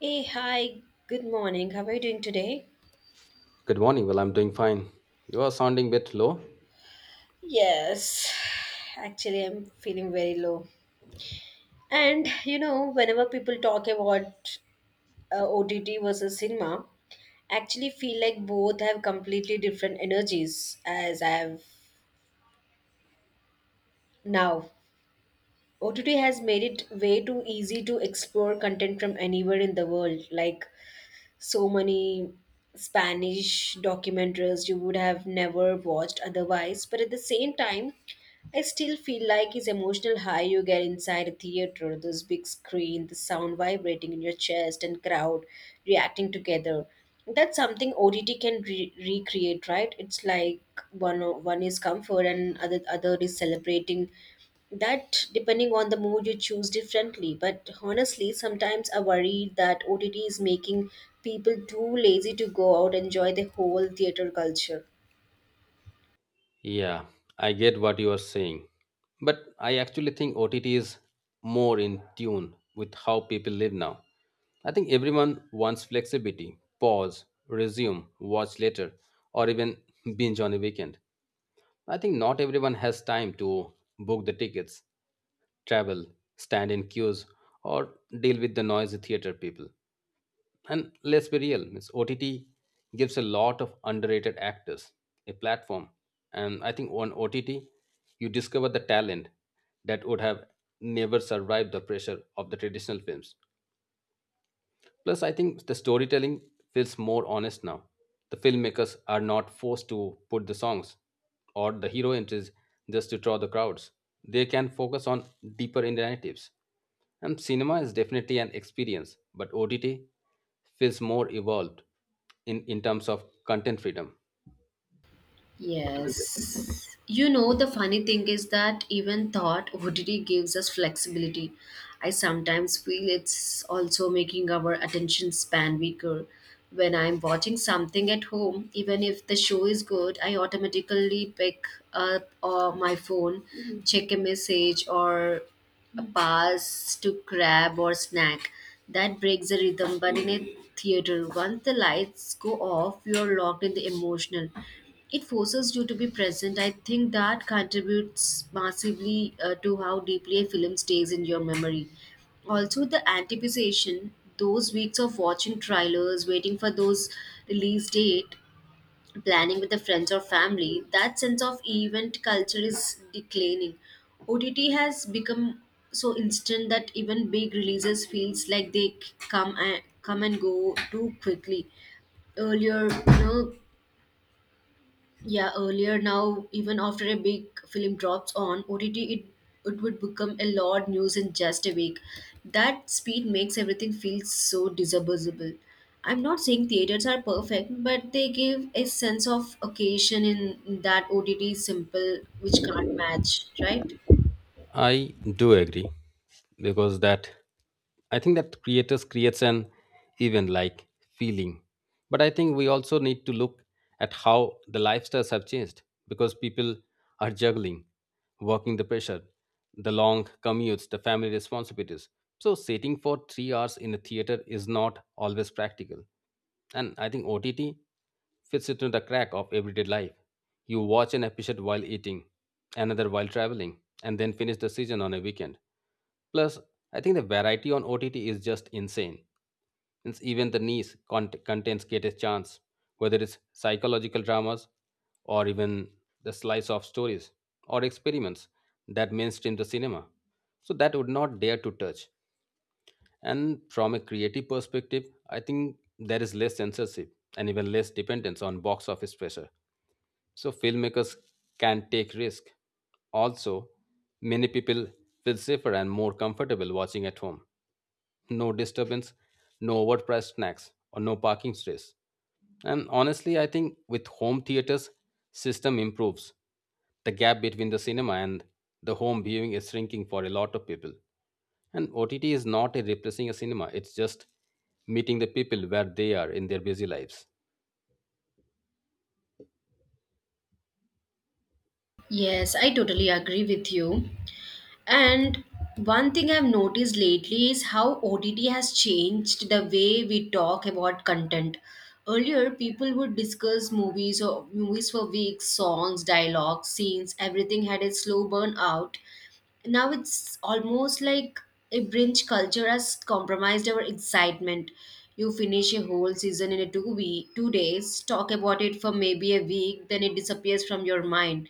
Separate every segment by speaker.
Speaker 1: Hey, hi, good morning. How are you doing today?
Speaker 2: Good morning. Well, I'm doing fine. You are sounding a bit low.
Speaker 1: Yes, actually, I'm feeling very low. And you know, whenever people talk about OTT versus cinema, actually feel like both have completely different energies as I have now. OTT has made it way too easy to explore content from anywhere in the world. Like so many Spanish documentaries you would have never watched otherwise. But at the same time, I still feel like his emotional high you get inside a theater, this big screen, the sound vibrating in your chest, and crowd reacting together. That's something ODT can recreate, right? It's like one is comfort and other is celebrating that, depending on the mood, you choose differently. But honestly, sometimes I worry that OTT is making people too lazy to go out and enjoy the whole theater culture.
Speaker 2: Yeah, I get what you are saying. But I actually think OTT is more in tune with how people live now. I think everyone wants flexibility, pause, resume, watch later, or even binge on a weekend. I think not everyone has time to book the tickets, travel, stand in queues, or deal with the noisy theater people. And let's be real, it's OTT gives a lot of underrated actors a platform. And I think on OTT, you discover the talent that would have never survived the pressure of the traditional films. Plus, I think the storytelling feels more honest now. The filmmakers are not forced to put the songs or the hero entries just to draw the crowds. They can focus on deeper narratives. And cinema is definitely an experience, but OTT feels more evolved in terms of content freedom, isn't it?
Speaker 1: Yes. You know, the funny thing is that even thought OTT gives us flexibility. I sometimes feel it's also making our attention span weaker. When I'm watching something at home, even if the show is good, I automatically pick up my phone, Mhm, check a message, or a pass to grab or snack. That breaks the rhythm, but in a theater, once the lights go off, you're locked in the emotional. It forces you to be present. I think that contributes massively to how deeply a film stays in your memory. Also, the anticipation, those weeks of watching trailers, waiting for those release date, planning with the friends or family, that sense of event culture is declining. OTT has become so instant that even big releases feels like they come and go too quickly earlier, you know. Yeah, earlier now even after a big film drops on OTT, it would become a lot news in just a week. That speed makes everything feel so disposable. I'm not saying theaters are perfect, but they give a sense of occasion in that OTT is simple which can't match, right?
Speaker 2: I do agree because that I think that creators creates an even like feeling. But I think we also need to look at how the lifestyles have changed because people are juggling, working the pressure, the long commutes, the family responsibilities. So sitting for 3 hours in a theater is not always practical. And I think OTT fits into the crack of everyday life. You watch an episode while eating, another while traveling, and then finish the season on a weekend. Plus, I think the variety on OTT is just insane. Since even the niche contents get a chance, whether it's psychological dramas or even the slice of stories or experiments that mainstream the cinema. So that would not dare to touch. And from a creative perspective, I think there is less censorship and even less dependence on box office pressure. So filmmakers can take risk. Also, many people feel safer and more comfortable watching at home. No disturbance, no overpriced snacks, or no parking stress. And honestly, I think with home theaters system improves, the gap between the cinema and the home viewing is shrinking for a lot of people. And OTT is not a replacing a cinema, it's just meeting the people where they are in their busy lives.
Speaker 1: Yes, I totally agree with you. And one thing I've noticed lately is how OTT has changed the way we talk about content. Earlier, people would discuss movies or movies for weeks, songs, dialogues, scenes, everything had a slow burn out. Now it's almost like a binge culture has compromised our excitement. You finish a whole season in a 2 week, 2 days, talk about it for maybe a week, then it disappears from your mind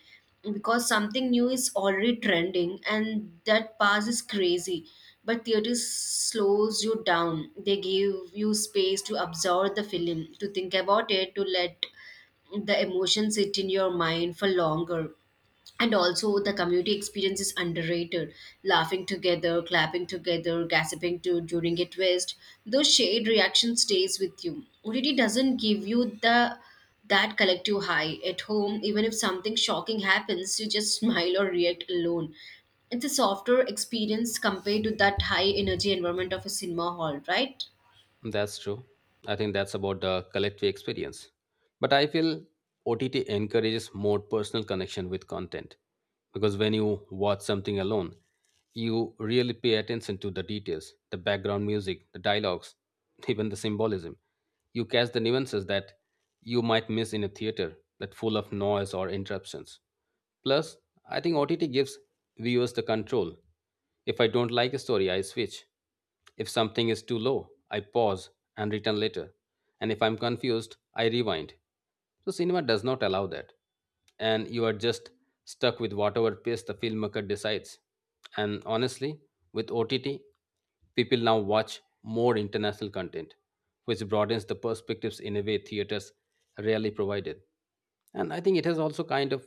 Speaker 1: because something new is already trending, and that pass is crazy. But theater slows you down. They give you space to absorb the film, to think about it, to let the emotions sit in your mind for longer. And also the community experience is underrated, laughing together, clapping together, gossiping to during a twist. Those shared reaction stays with you. OTT doesn't give you the that collective high at home. Even if something shocking happens you just smile or react alone. It's a softer experience compared to that high energy environment of a cinema hall, right?
Speaker 2: That's true. I think that's about the collective experience. But I feel OTT encourages more personal connection with content because when you watch something alone, you really pay attention to the details, the background music, the dialogues, even the symbolism. You catch the nuances that you might miss in a theater that full of noise or interruptions. Plus, I think OTT gives viewers the control if I don't like a story, I switch. If something is too low, I pause and return later. And if I'm confused, I rewind. So cinema does not allow that. And you are just stuck with whatever pace the filmmaker decides. And honestly, with OTT, people now watch more international content, which broadens the perspectives in a way theaters rarely provided. And I think it has also kind of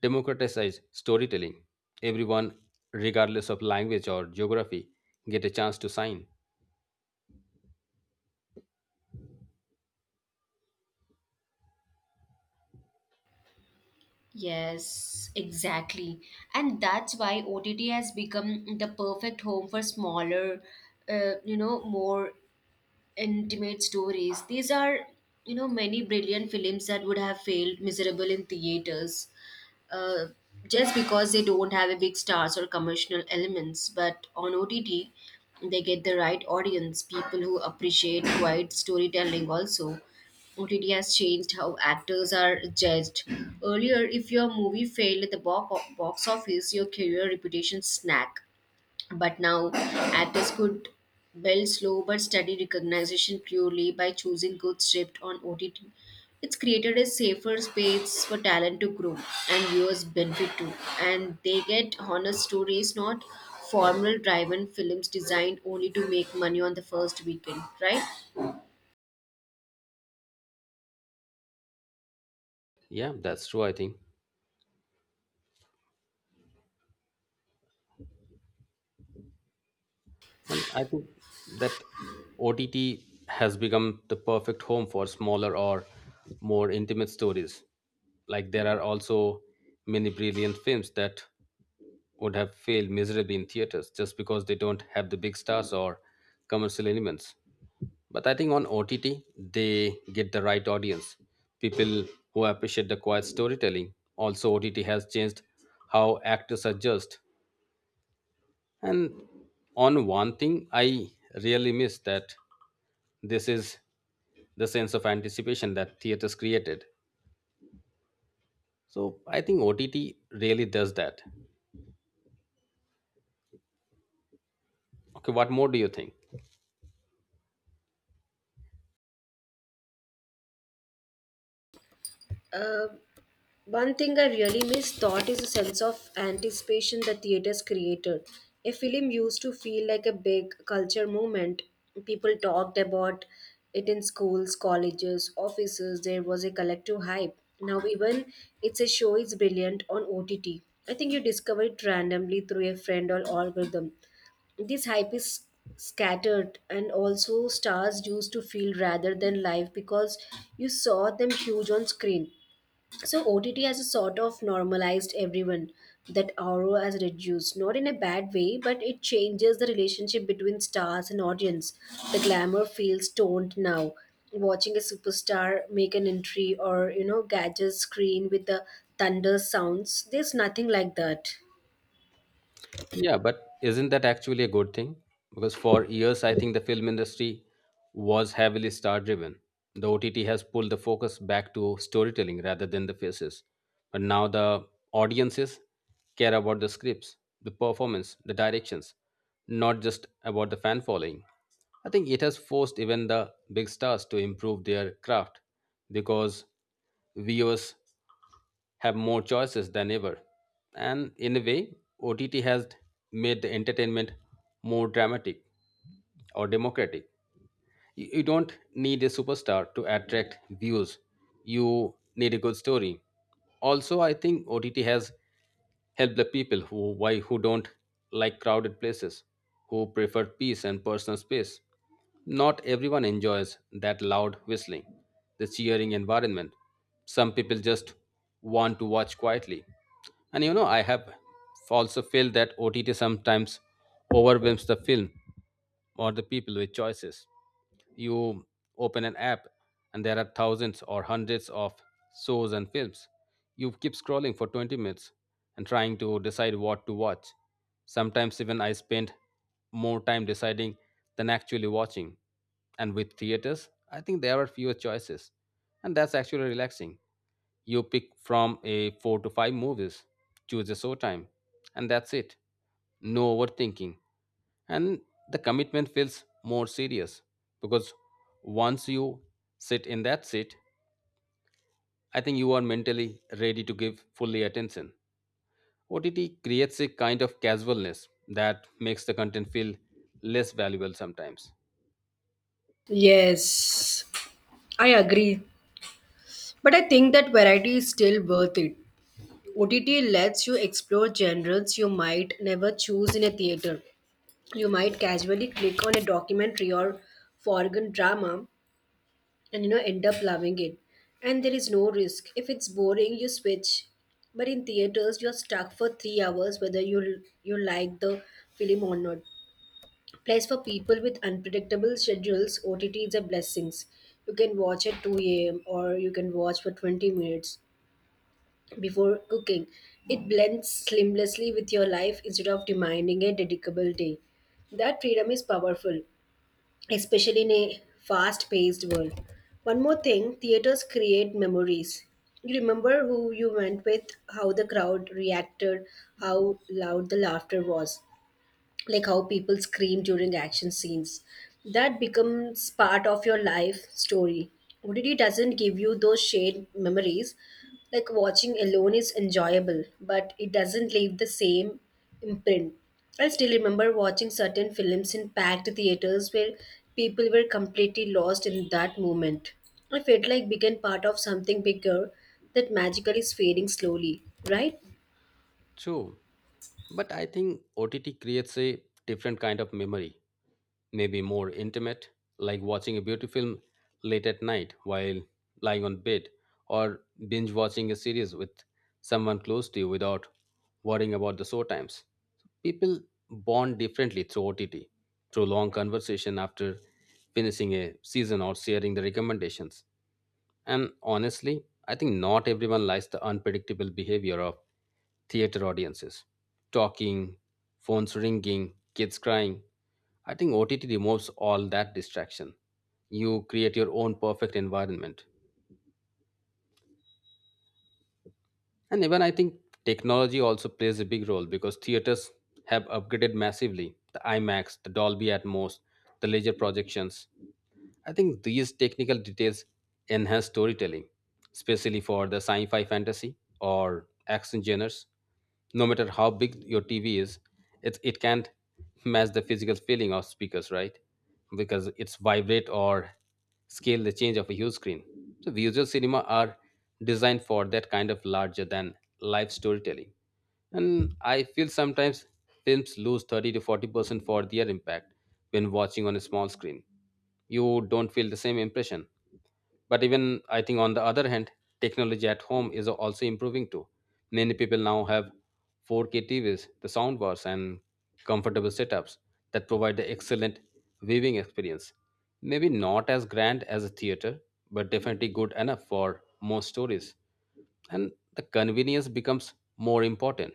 Speaker 2: democratized storytelling. Everyone, regardless of language or geography, get a chance to sign.
Speaker 1: Yes, exactly. And that's why OTT has become the perfect home for smaller, you know, more intimate stories. These are, you know, many brilliant films that would have failed miserable in theaters uh, just because they don't have a big stars or commercial elements, but on OTT they get the right audience, people who appreciate quiet storytelling. Also OTT has changed how actors are judged. Earlier, if your movie failed at the box office, your career reputation snack. But now, actors could build slow but steady recognition purely by choosing good script on OTT. It's created a safer space for talent to grow and viewers benefit too. And they get honest stories, not formal driven films designed only to make money on the first weekend, right?
Speaker 2: Yeah, that's true, I think. And I think that OTT has become the perfect home for smaller or more intimate stories. Like there are also many brilliant films that would have failed miserably in theaters just because they don't have the big stars or commercial elements. But I think on OTT, they get the right audience. People who appreciate the quiet storytelling. Also, OTT has changed how actors are judged. And on one thing, I really miss that this is the sense of anticipation that theaters created. So I think OTT really does that. Okay, what more do you think?
Speaker 1: Uh. One thing I really miss thought is a sense of anticipation the theaters created. A film used to feel like a big culture movement. People talked about it in schools, colleges, offices. There was a collective hype. Now even it's a show is brilliant on OTT. I think you discover it randomly through a friend or algorithm. This hype is scattered. And also stars used to feel rather than live because you saw them huge on screen. So OTT has a sort of normalized everyone, that RO has reduced, not in a bad way, but it changes the relationship between stars and audience. The glamour feels toned now. Watching a superstar make an entry or, you know, gadget screen with the thunder sounds, there's nothing like that.
Speaker 2: Yeah, but isn't that actually a good thing? Because for years, I think the film industry was heavily star driven. The OTT has pulled the focus back to storytelling rather than the faces. But now the audiences care about the scripts, the performance, the directions, not just about the fan following. I think it has forced even the big stars to improve their craft because viewers have more choices than ever. And in a way, OTT has made the entertainment more dramatic or democratic. You don't need a superstar to attract views. You need a good story. Also, I think OTT has helped the people who don't like crowded places, who prefer peace and personal space. Not everyone enjoys that loud whistling, the cheering environment. Some people just want to watch quietly. And you know, I have also felt that OTT sometimes overwhelms the film or the people with choices. You open an app and there are thousands or hundreds of shows and films. You keep scrolling for 20 minutes and trying to decide what to watch. Sometimes even I spend more time deciding than actually watching. And with theaters, I think there are fewer choices. And that's actually relaxing. You pick from a four to five movies, choose a showtime, and that's it. No overthinking. And the commitment feels more serious because once you sit in that seat, I think you are mentally ready to give fully attention. OTT creates a kind of casualness that makes the content feel less valuable sometimes.
Speaker 1: Yes, I agree. But I think that variety is still worth it. OTT lets you explore genres you might never choose in a theater. You might casually click on a documentary or foreign drama and, you know, end up loving it. And there is no risk. If it's boring you switch, but in theaters you're stuck for 3 hours whether you like the film or not. Plus, for people with unpredictable schedules, OTT is a blessing. You can watch at 2 a.m. or you can watch for 20 minutes before cooking. It blends seamlessly with your life instead of demanding a dedicable day. That freedom is powerful, especially in a fast paced world. One more thing, theaters create memories. You remember who you went with, how the crowd reacted, how loud the laughter was, like how people scream during action scenes. That becomes part of your life story. OTT doesn't give you those shared memories. Like watching alone is enjoyable, but it doesn't leave the same imprint. I still remember watching certain films in packed theaters where people were completely lost in that moment. I felt like became part of something bigger. That magically is fading slowly, right?
Speaker 2: True. But I think OTT creates a different kind of memory, maybe more intimate, like watching a beauty film late at night while lying on bed, or binge watching a series with someone close to you without worrying about the show times. People bond differently through OTT, through long conversation after finishing a season or sharing the recommendations. And honestly, I think not everyone likes the unpredictable behavior of theater audiences. Talking, phones ringing, kids crying. I think OTT removes all that distraction. You create your own perfect environment. And even I think technology also plays a big role because theaters have upgraded massively. The IMAX, the Dolby Atmos, the laser projections. I think these technical details enhance storytelling, especially for the sci fi fantasy or action genres. No matter how big your TV is, it can't match the physical feeling of speakers, right? Because it's vibrate or scale the change of a huge screen. So, visual cinema are designed for that kind of larger than life storytelling. And I feel sometimes films lose 30 to 40% for their impact when watching on a small screen, you don't feel the same impression. But even I think on the other hand, technology at home is also improving. Too many people now have 4K TVs, the soundbars, and comfortable setups that provide the excellent viewing experience, maybe not as grand as a theater, but definitely good enough for most stories. And the convenience becomes more important.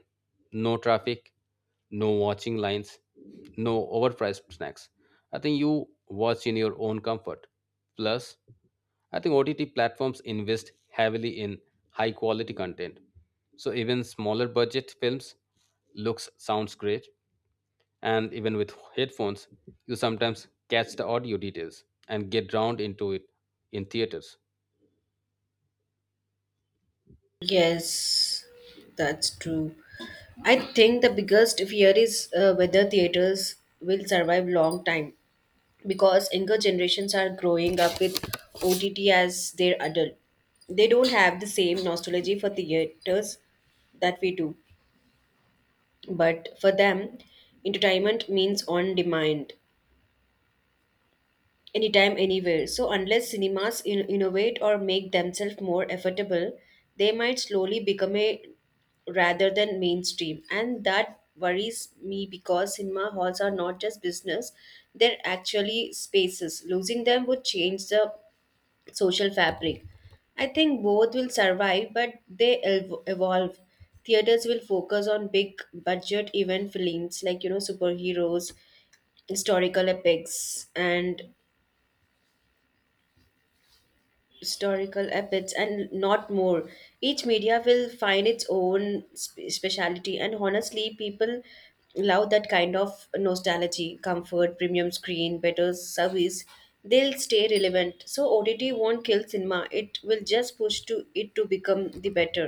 Speaker 2: No traffic, no watching lines, no overpriced snacks. I think you watch in your own comfort. Plus, I think OTT platforms invest heavily in high quality content. So even smaller budget films looks sounds great, and even with headphones you sometimes catch the audio details and get drowned into it in theaters.
Speaker 1: Yes, that's true. I think the biggest fear is whether theaters will survive long time because younger generations are growing up with OTT as their adult. They don't have the same nostalgia for theaters that we do. But for them, entertainment means on demand, anytime, anywhere. So, unless cinemas innovate or make themselves more affordable, they might slowly become a rather than mainstream. And that worries me because cinema halls are not just business, they're actually spaces. Losing them would change the social fabric. I think both will survive, but they evolve. Theaters will focus on big budget event films like, you know, superheroes, historical epics, and historical epics and not more. Each media will find its own speciality. And honestly people love that kind of nostalgia, comfort, premium screen, better service. They'll stay relevant. So OTT won't kill cinema, it will just push to it to become the better.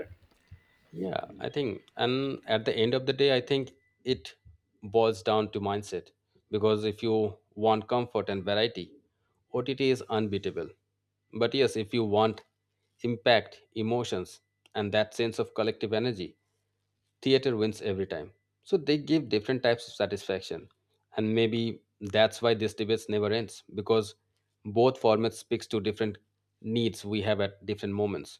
Speaker 2: Yeah, I think, and at the end of the day, I think it boils down to mindset because if you want comfort and variety, OTT is unbeatable. But yes, if you want impact, emotions, and that sense of collective energy, theater wins every time. So they give different types of satisfaction. And maybe that's why this debates never ends because both formats speaks to different needs we have at different moments.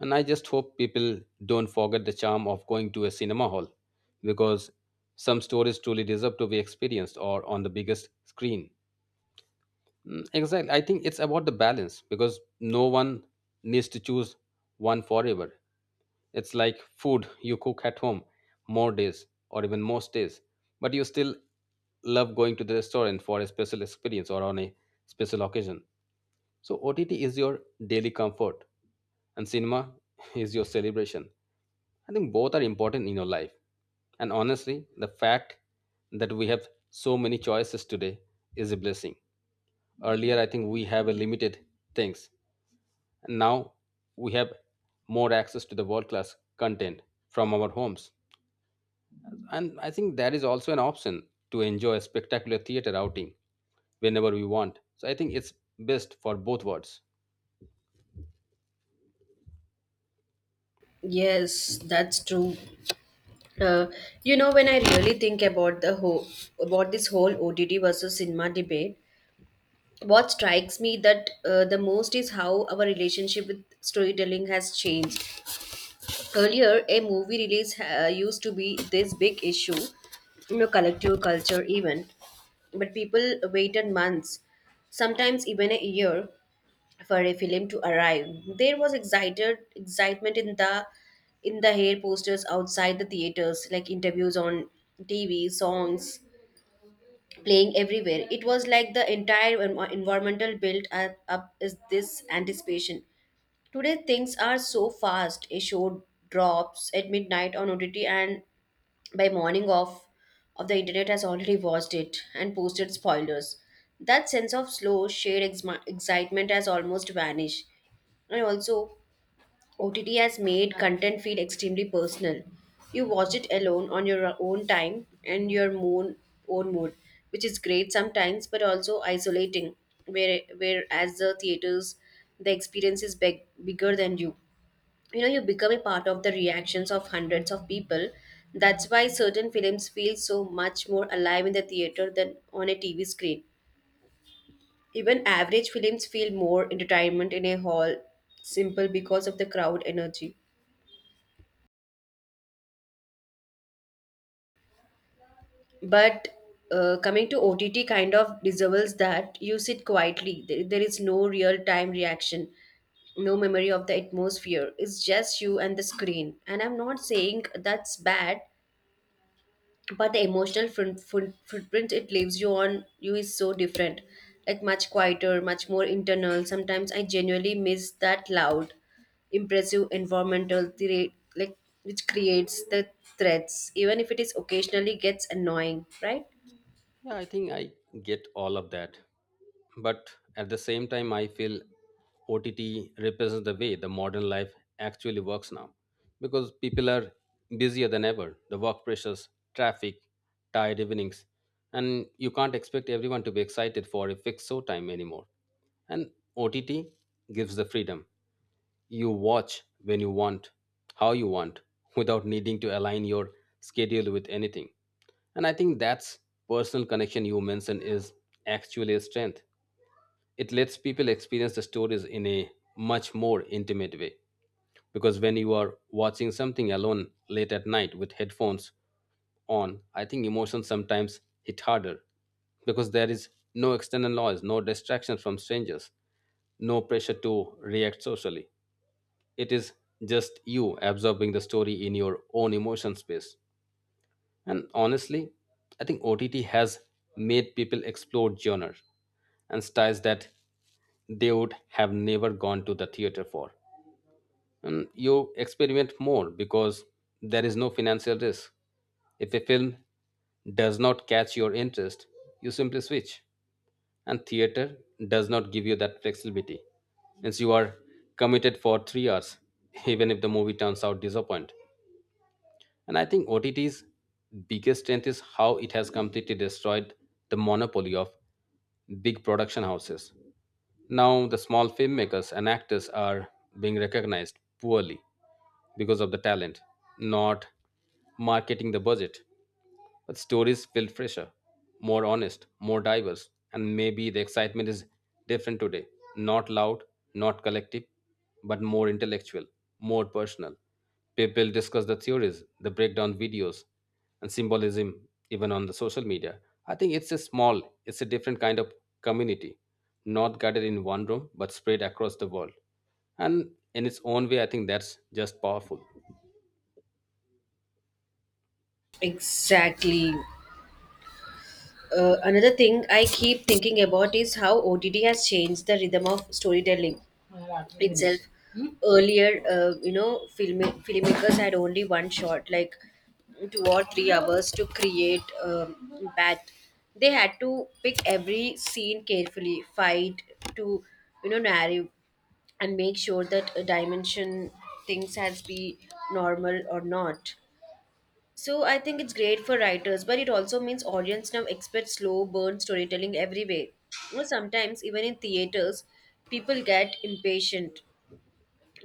Speaker 2: And I just hope people don't forget the charm of going to a cinema hall because some stories truly deserve to be experienced or on the biggest screen. Mm, exactly. I think it's about the balance because no one needs to choose one forever. It's like food you cook at home more days or even most days, but you still love going to the restaurant for a special experience or on a special occasion. So OTT is your daily comfort and cinema is your celebration. I think both are important in your life. And honestly, the fact that we have so many choices today is a blessing. Earlier, I think we have a limited things. And now we have more access to the world class content from our homes. And I think that is also an option to enjoy a spectacular theater outing whenever we want. So I think it's best for both worlds.
Speaker 1: Yes, that's true. Uh, you know, when I really think about the whole about this whole OTT versus cinema debate, what strikes me that the most is how our relationship with storytelling has changed. Earlier a movie release used to be this big issue, you know, collective culture event. But people waited months, sometimes even a year, for a film to arrive. There was excited excitement in the hair posters outside the theaters, like interviews on TV, songs playing everywhere. It was like the entire environmental built up is this anticipation. Today things are so fast. A show drops at midnight on OTT and by morning off of the internet has already watched it and posted spoilers. That sense of slow, shared exma excitement has almost vanished. And also OTT has made content feel extremely personal. You watch it alone on your own time and your own mood, which is great sometimes but also isolating. Whereas the theaters, the experience is big, bigger than you. You know, you become a part of the reactions of hundreds of people. That's why certain films feel so much more alive in the theater than on a TV screen. Even average films feel more entertainment in a hall, simple because of the crowd energy. But coming to OTT kind of dissolves that. You sit quietly. There is no real time reaction, no memory of the atmosphere. It's just you and the screen. And I'm not saying that's bad, but the emotional footprint it leaves you on you is so different. Like much quieter, much more internal. Sometimes I genuinely miss that loud, impressive environmental threat, like which creates the threats, even if it is occasionally gets annoying, right?
Speaker 2: Yeah, I think I get all of that. But at the same time, I feel OTT represents the way the modern life actually works now because people are busier than ever. The work pressures, traffic, tired evenings, and you can't expect everyone to be excited for a fixed show time anymore. And OTT gives the freedom. You watch when you want, how you want, without needing to align your schedule with anything. And I think that's personal connection you mentioned is actually a strength. It lets people experience the stories in a much more intimate way. Because when you are watching something alone late at night with headphones on, I think emotions sometimes hit harder because there is no external noise, no distractions from strangers, no pressure to react socially, it is just you absorbing the story in your own emotion space. And honestly, I think OTT has made people explore genres and styles that they would have never gone to the theater for. And you experiment more because there is no financial risk. If a film does not catch your interest, you simply switch, and theater does not give you that flexibility since you are committed for 3 hours even if the movie turns out disappoint. And I think OTT's biggest strength is how it has completely destroyed the monopoly of big production houses. Now the small filmmakers and actors are being recognized poorly because of the talent, not marketing the budget, but stories feel fresher, more honest, more diverse, and maybe the excitement is different today. Not loud, not collective, but more intellectual, more personal. People discuss the theories, the breakdown videos, and symbolism even on the social media. I think it's a small, it's a different kind of community, not gathered in one room, but spread across the world. And in its own way, I think that's just powerful.
Speaker 1: Exactly. Another thing I keep thinking about is how OTT has changed the rhythm of storytelling itself. Earlier, you know, filmmakers had only one shot, like 2 or 3 hours to create that. They had to pick every scene carefully, fight to, you know, narrative, and make sure that a dimension things has be normal or not. So I think it's great for writers, but it also means audience now expect slow burn storytelling everywhere. You know, sometimes even in theaters, people get impatient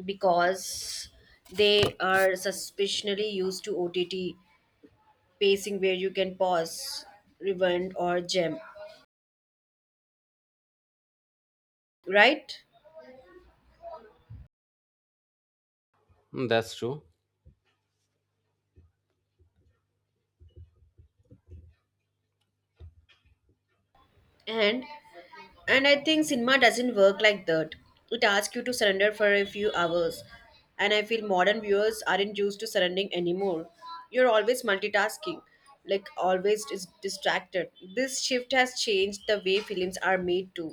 Speaker 1: because they are suspiciously used to OTT pacing where you can pause, rewind, or gem. Right?
Speaker 2: Mm, that's true.
Speaker 1: and and I think cinema doesn't work like that. It asks you to surrender for a few hours. And I feel modern viewers aren't used to surrendering anymore. You're always multitasking, like always is distracted. This shift has changed the way films are made too.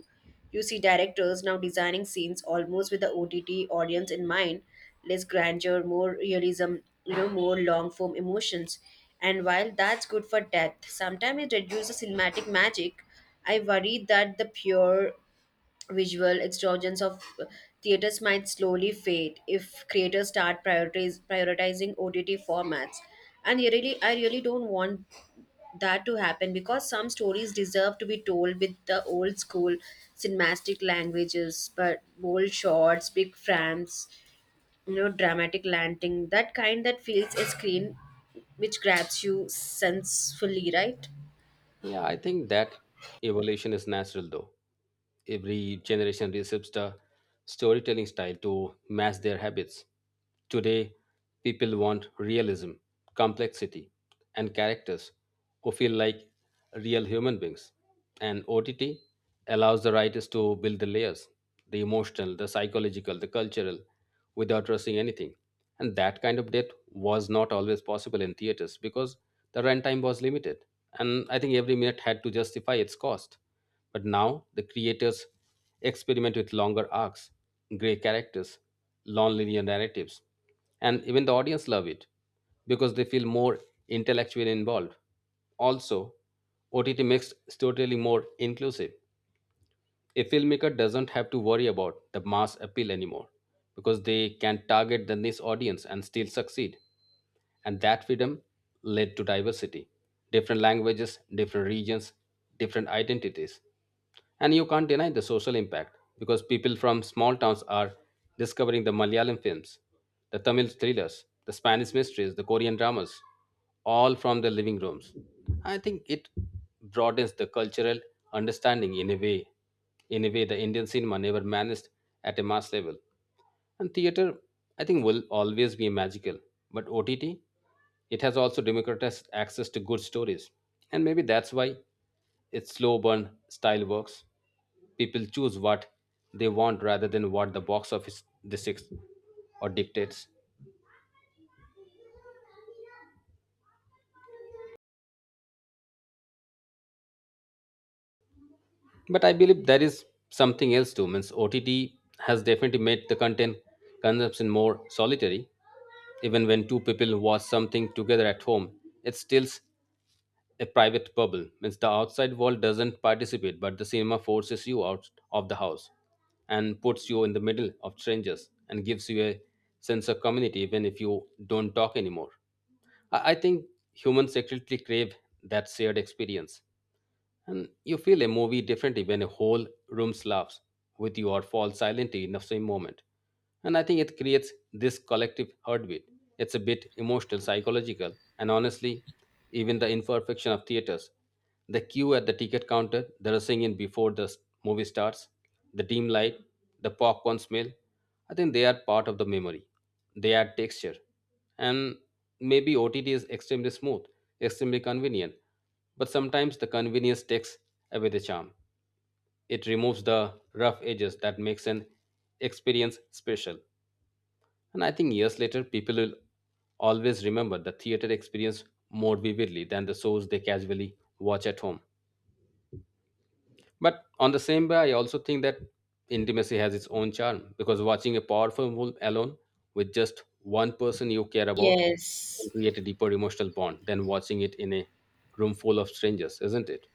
Speaker 1: You see directors now designing scenes almost with the OTT audience in mind, less grandeur, more realism, you know, more long form emotions. And while that's good for depth, sometimes it reduces cinematic magic. I worry that the pure visual extravagance of theaters might slowly fade if creators start prioritizing OTT formats. And I really don't want that to happen because some stories deserve to be told with the old school cinematic languages, but bold shots, big frames, you know, dramatic landing, that kind that fills a screen which grabs you sensefully, right?
Speaker 2: Yeah, I think that evolution is natural though. Every generation receives the storytelling style to match their habits. Today, people want realism, complexity, and characters who feel like real human beings. And OTT allows the writers to build the layers, the emotional, the psychological, the cultural, without rushing anything. And that kind of depth was not always possible in theaters because the runtime was limited. And I think every minute had to justify its cost. But now the creators experiment with longer arcs, grey characters, non-linear narratives, and even the audience love it because they feel more intellectually involved. Also, OTT makes storytelling more inclusive. A filmmaker doesn't have to worry about the mass appeal anymore because they can target the niche audience and still succeed. And that freedom led to diversity, different languages, different regions, different identities. And you can't deny the social impact because people from small towns are discovering the Malayalam films, the Tamil thrillers, the Spanish mysteries, the Korean dramas, all from their living rooms. I think it broadens the cultural understanding in a way the Indian cinema never managed at a mass level. And theater, I think, will always be magical. But OTT, it has also democratized access to good stories. And maybe that's why its slow burn style works. People choose what they want rather than what the box office dictates or dictates. But I believe there is something else too. Means OTT has definitely made the content consumption more solitary. Even when two people watch something together at home, it's still a private bubble. Means the outside world doesn't participate, but the cinema forces you out of the house and puts you in the middle of strangers and gives you a sense of community even if you don't talk anymore. I think humans secretly crave that shared experience. And you feel a movie differently when a whole room laughs with you or falls silently in the same moment. And I think it creates this collective heartbeat. It's a bit emotional, psychological, and honestly, even the imperfection of theaters. The queue at the ticket counter, the rushing in before the movie starts, the dim light, the popcorn smell. I think they are part of the memory. They add texture. And maybe OTT is extremely smooth, extremely convenient. But sometimes the convenience takes away the charm. It removes the rough edges that makes an experience special. And I think years later, people will always remember the theater experience more vividly than the shows they casually watch at home. But on the same way, I also think that intimacy has its own charm because watching a powerful film alone with just one person you care about can
Speaker 1: Yes.
Speaker 2: create a deeper emotional bond than watching it in a room full of strangers, isn't it?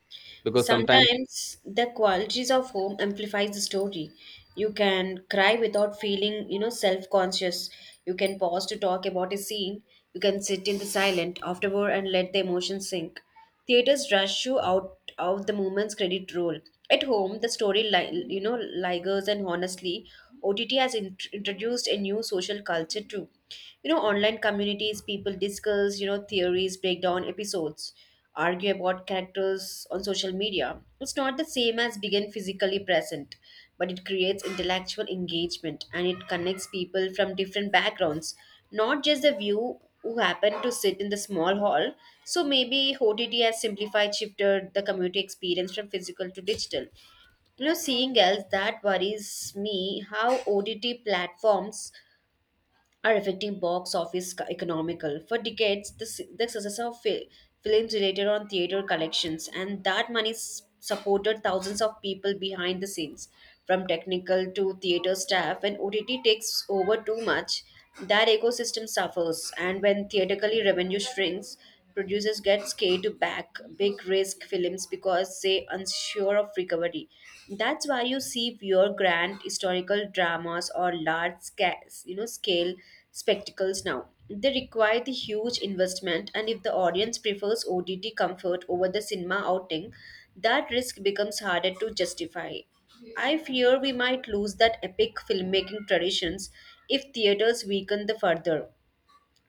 Speaker 2: Because sometimes.
Speaker 1: Sometimes the qualities of home amplifies the story. You can cry without feeling, you know, self-conscious. You can pause to talk about a scene. You can sit in the silent afterward and let the emotions sink. Theaters rush you out of the moment's credit roll. At home, the story, you know, lingers. And honestly OTT has introduced a new social culture too. You know, online communities, people discuss, you know, theories, break down episodes, argue about characters on social media. It's not the same as being physically present, but it creates intellectual engagement and it connects people from different backgrounds, not just the view who happen to sit in the small hall. So maybe OTT has simplified, shifted the community experience from physical to digital. You know, seeing else that worries me how OTT platforms are affecting box office economical. For decades, the success of films related on theater collections and that money supported thousands of people behind the scenes, from technical to theater staff. When OTT takes over too much, that ecosystem suffers, and when theatrically revenue shrinks. Producers get scared to back big risk films because they unsure of recovery. That's why you see fewer grand historical dramas or large scale, you know, scale spectacles now. They require the huge investment, and if the audience prefers OTT comfort over the cinema outing, that risk becomes harder to justify. I fear we might lose that epic filmmaking traditions if theaters weaken the further.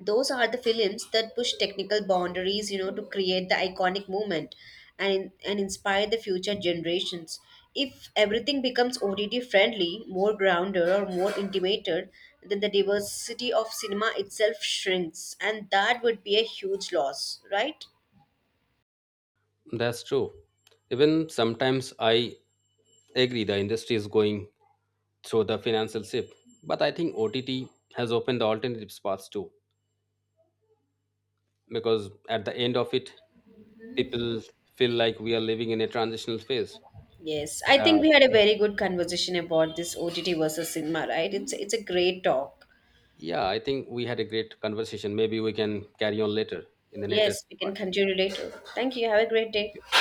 Speaker 1: Those are the films that push technical boundaries, you know, to create the iconic moment, and inspire the future generations. If everything becomes OTT friendly, more grounded or more intimated, then the diversity of cinema itself shrinks, and that would be a huge loss, right?
Speaker 2: That's true. Even sometimes I agree the industry is going through the financial shift, but I think OTT has opened the alternative paths too. Because at the end of it, people feel like we are living in a transitional phase.
Speaker 1: Yes, I think
Speaker 2: Uh,
Speaker 1: we had a very good conversation about this OTT versus cinema, right? It's a great talk.
Speaker 2: yeah, I think we had a great conversation. Maybe we can carry on later in the later
Speaker 1: Yes, we can
Speaker 2: part.
Speaker 1: continue later. Thank you, have a great
Speaker 2: Thank
Speaker 1: day.
Speaker 2: you.